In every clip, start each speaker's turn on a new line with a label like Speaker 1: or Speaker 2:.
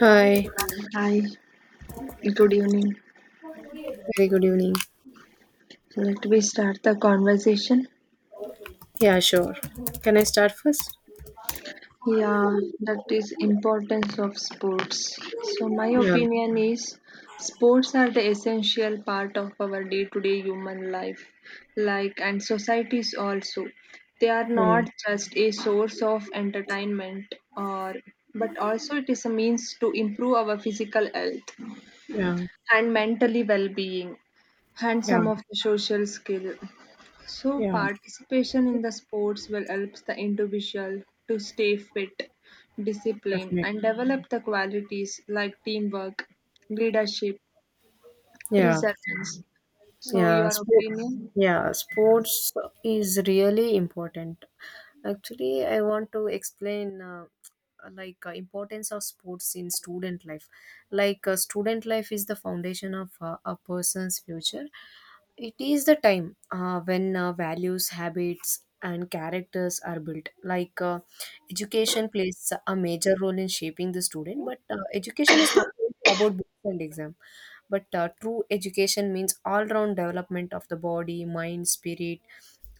Speaker 1: Hi,
Speaker 2: Hi, good evening.
Speaker 1: very good evening.
Speaker 2: So let we start the conversation.
Speaker 1: Yeah, sure. Can I start first?
Speaker 2: Yeah, that is importance of sports. So my
Speaker 1: Yeah,
Speaker 2: opinion is sports are the essential part of our day-to-day human life, like and societies also. They are
Speaker 1: mm,
Speaker 2: not just a source of entertainment or but also it is a means to improve our physical health
Speaker 1: yeah,
Speaker 2: and mentally well-being and
Speaker 1: yeah,
Speaker 2: some of the social skill. So,
Speaker 1: yeah,
Speaker 2: participation in the sports will help the individual to stay fit, disciplined,
Speaker 1: definitely.
Speaker 2: and develop the qualities like teamwork, leadership,
Speaker 1: Yeah.
Speaker 2: perseverance. So,
Speaker 1: Yeah,
Speaker 2: your
Speaker 1: sport.
Speaker 2: opinion?
Speaker 1: Yeah, sports is really important. Actually, I want to explain, like, importance of sports in student life. Like, student life is the foundation of a person's future. It is the time when, values, habits, and characters are built. Like, education plays a major role in shaping the student, but education is not only about books and exam, but true education means all round development of the body, mind, spirit.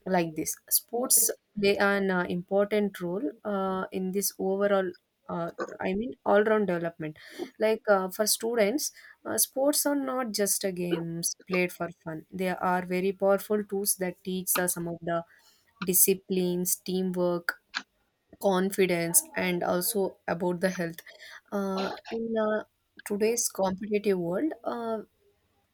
Speaker 1: Like this, sports play an important role in this overall, uh, I mean, all round development. Like, for students, sports are not just a games played for fun. They are very powerful tools that teach us some of the disciplines, teamwork, confidence, and also about the health. In, today's competitive world, uh,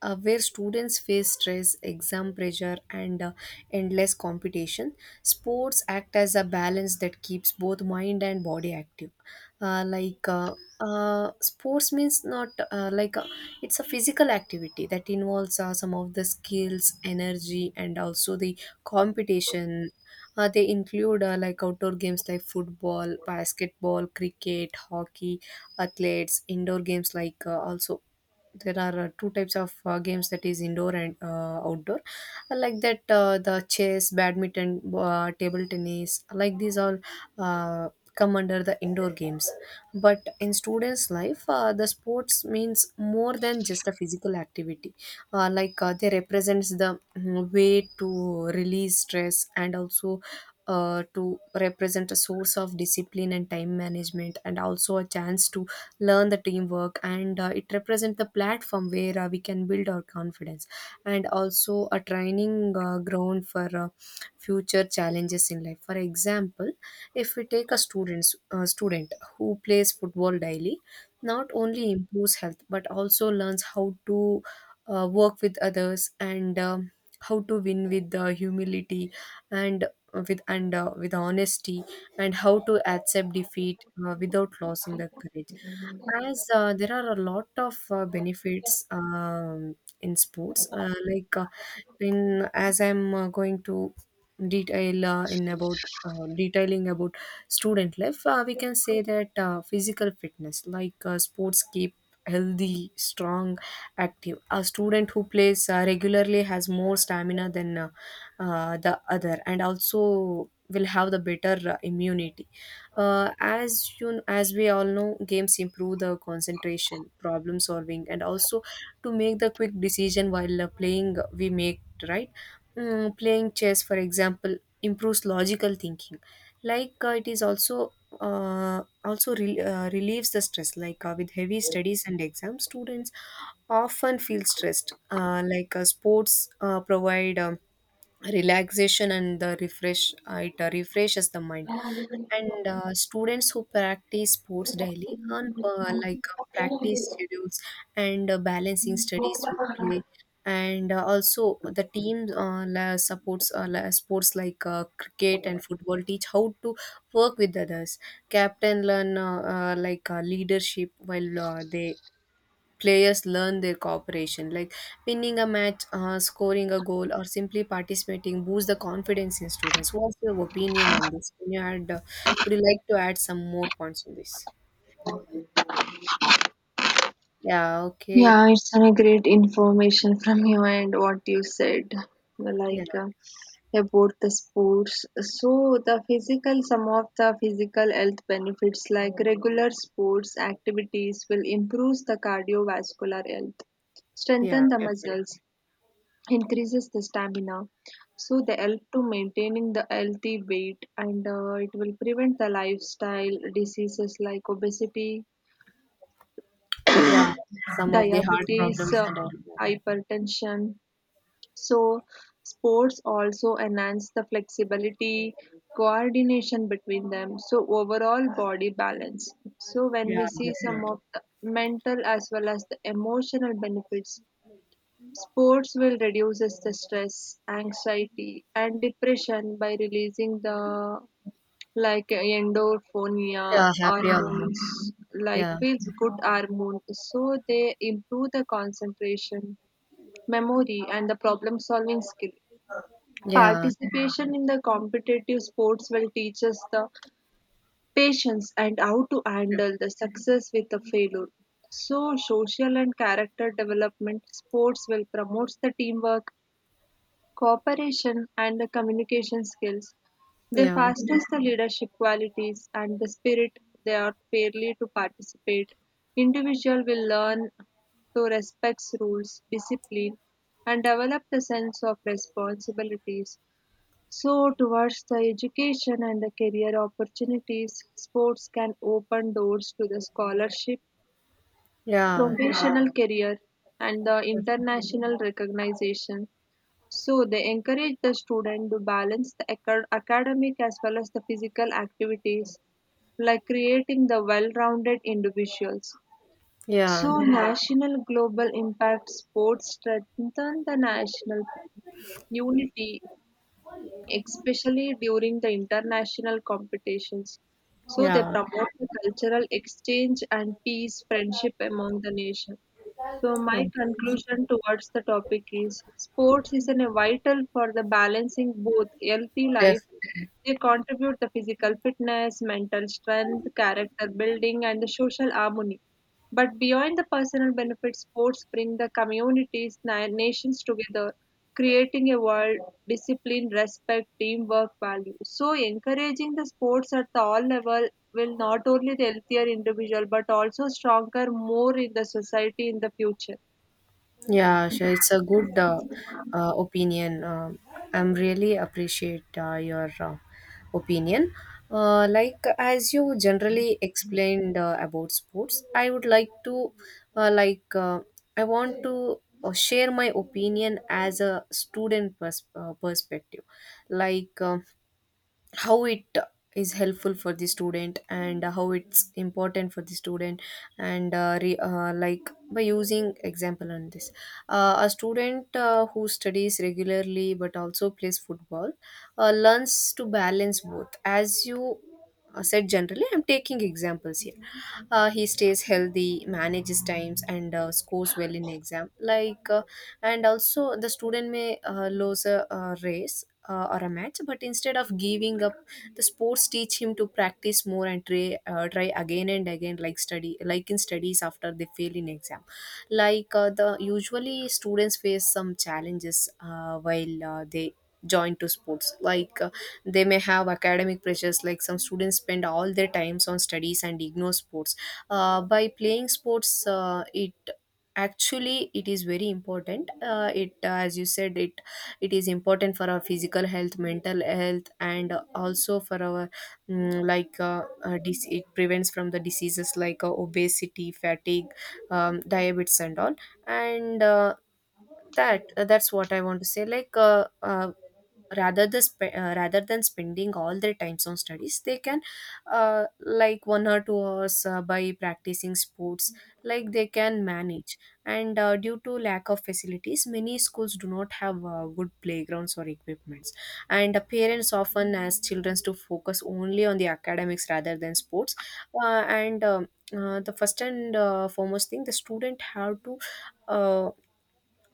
Speaker 1: uh, where students face stress, exam pressure, and endless competition. Sports act as a balance that keeps both mind and body active. Uh, like uh, Sports means, not like it's a physical activity that involves, some of the skills, energy, and also the competition. They include, like outdoor games like football, basketball, cricket, hockey, athletes, indoor games like, also there are two types of games, that is indoor and outdoor. I like that, the chess, badminton, table tennis, like these all uh, come under the indoor games. But in students life, the sports means more than just a physical activity. Like, they represents the way to release stress, and also to represent a source of discipline and time management, and also a chance to learn the teamwork, and it represents the platform where we can build our confidence, and also a training ground for future challenges in life. For example, if we take a students, student who plays football daily not only improves health but also learns how to, work with others, and how to win with, humility, and with honesty, and how to accept defeat, without losing the courage. As there are a lot of benefits, in sports, in as I'm, going to detail, in about detailing about student life, we can say that, physical fitness, like, sports keep healthy, strong, active. A student who plays regularly has more stamina than, the other, and also will have the better immunity. As you, as we all know, games improve the concentration, problem solving, and also to make the quick decision while playing. We make right. Playing chess, for example, improves logical thinking. Like, it is also relieves the stress. Like, with heavy studies and exams, students often feel stressed. Like, sports provide, relaxation and the refresh, it refreshes the mind. And students who practice sports daily earn, like, practice schedules and balancing studies with play, and also the team, sports like cricket and football teach how to work with others. Captain learn, leadership, while they players learn their cooperation, like winning a match, scoring a goal or simply participating boosts the confidence in students. What's your opinion on this? Can you add, would you like to add some more points on this? Yeah, okay.
Speaker 2: Yeah, it's a great information from you and what you said,
Speaker 1: Yeah,
Speaker 2: like uh, about the sports. So the physical, some of the physical health benefits like regular sports activities will improve the cardiovascular health,
Speaker 1: yeah,
Speaker 2: strengthen the
Speaker 1: definitely.
Speaker 2: muscles, increases the stamina. So they help to maintaining the healthy weight and it will prevent the lifestyle diseases like obesity,
Speaker 1: Yeah, some of the hard
Speaker 2: diabetes,
Speaker 1: problems and all that.
Speaker 2: hypertension. So, sports also enhance the flexibility, coordination between them, so overall body balance. So, when we
Speaker 1: Yeah,
Speaker 2: see some
Speaker 1: definitely.
Speaker 2: of the mental as well as the emotional benefits, sports will reduces the stress, anxiety, and depression by releasing the like endorphonia
Speaker 1: Yeah, happy almost.
Speaker 2: hormones, like
Speaker 1: Yeah,
Speaker 2: feels good hormones, so they improve the concentration, memory, and the problem solving skill.
Speaker 1: yeah,
Speaker 2: Participation in the competitive sports will teach us the patience and how to
Speaker 1: yeah,
Speaker 2: handle the success with the failure. So, social and character development sports will promote the teamwork, cooperation, and the communication skills. They
Speaker 1: yeah,
Speaker 2: fosters the leadership qualities and the spirit they are fairly to participate. Individual will learn to respect rules, discipline, and develop the sense of responsibilities. So, towards the education and the career opportunities, sports can open doors to the scholarship,
Speaker 1: yeah,
Speaker 2: professional career, and the international recognition. So, they encourage the student to balance the aca- academic as well as the physical activities, like creating the well rounded individuals.
Speaker 1: yeah,
Speaker 2: So, national global impact sports strengthen the national unity, especially during the international competitions. So they
Speaker 1: yeah.
Speaker 2: promote the cultural exchange and peace, friendship among the nation. So my
Speaker 1: Um,
Speaker 2: conclusion towards the topic is sports is an, a vital for the balancing both healthy life.
Speaker 1: Definitely.
Speaker 2: They contribute the physical fitness, mental strength, character building, and the social harmony. But beyond the personal benefits, sports bring the communities, na- nations together, creating a world, discipline, respect, teamwork, value. So encouraging the sports at the all level will not only the healthier individual but also stronger, more in the society in the future.
Speaker 1: Yeah, sure. It's a good, opinion. I'm really appreciate, your, opinion. Like as you generally explained, about sports, I would like to, uh, like uh, I want to, share my opinion as a student, perspective. Like. How it is helpful for the student and how it's important for the student. And like by using example on this, a student, who studies regularly but also plays football learns to balance both. As you, said generally, I'm taking examples here. He stays healthy, manages times, and scores well in exam. Like, and also the student may lose, a race or a match, but instead of giving up the sports teach him to practice more and try again and again, like study, like in studies after they fail in exam. Like, the usually students face some challenges while they joined to sports, like, they may have academic pressures, like some students spend all their times on studies and ignore sports. By playing sports, it actually it is very important. It As you said, it is important for our physical health, mental health, and also for our, it prevents from the diseases like, obesity, fatigue, diabetes and all. And that's what I want to say. Like, rather than spending all their times on studies, they can, like 1 or 2 hours by practicing sports, like they can manage. And due to lack of facilities, many schools do not have good playgrounds or equipments, and parents often ask children to focus only on the academics rather than sports. And The first and foremost thing the student have to, uh,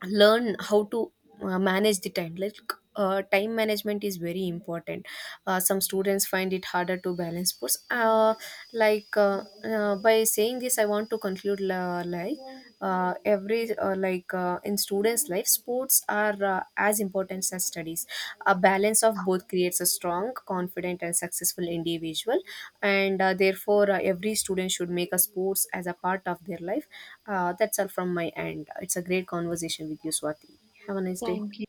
Speaker 1: learn how to, manage the time. Like, time management is very important. Some students find it harder to balance sports. By saying this, I want to conclude, like, every like in students life sports are, as important as studies. A balance of both creates a strong, confident, and successful individual. And therefore, every student should make a sports as a part of their life. That's all from my end. It's a great conversation with you, Swati. Have a nice day.
Speaker 2: Thank you.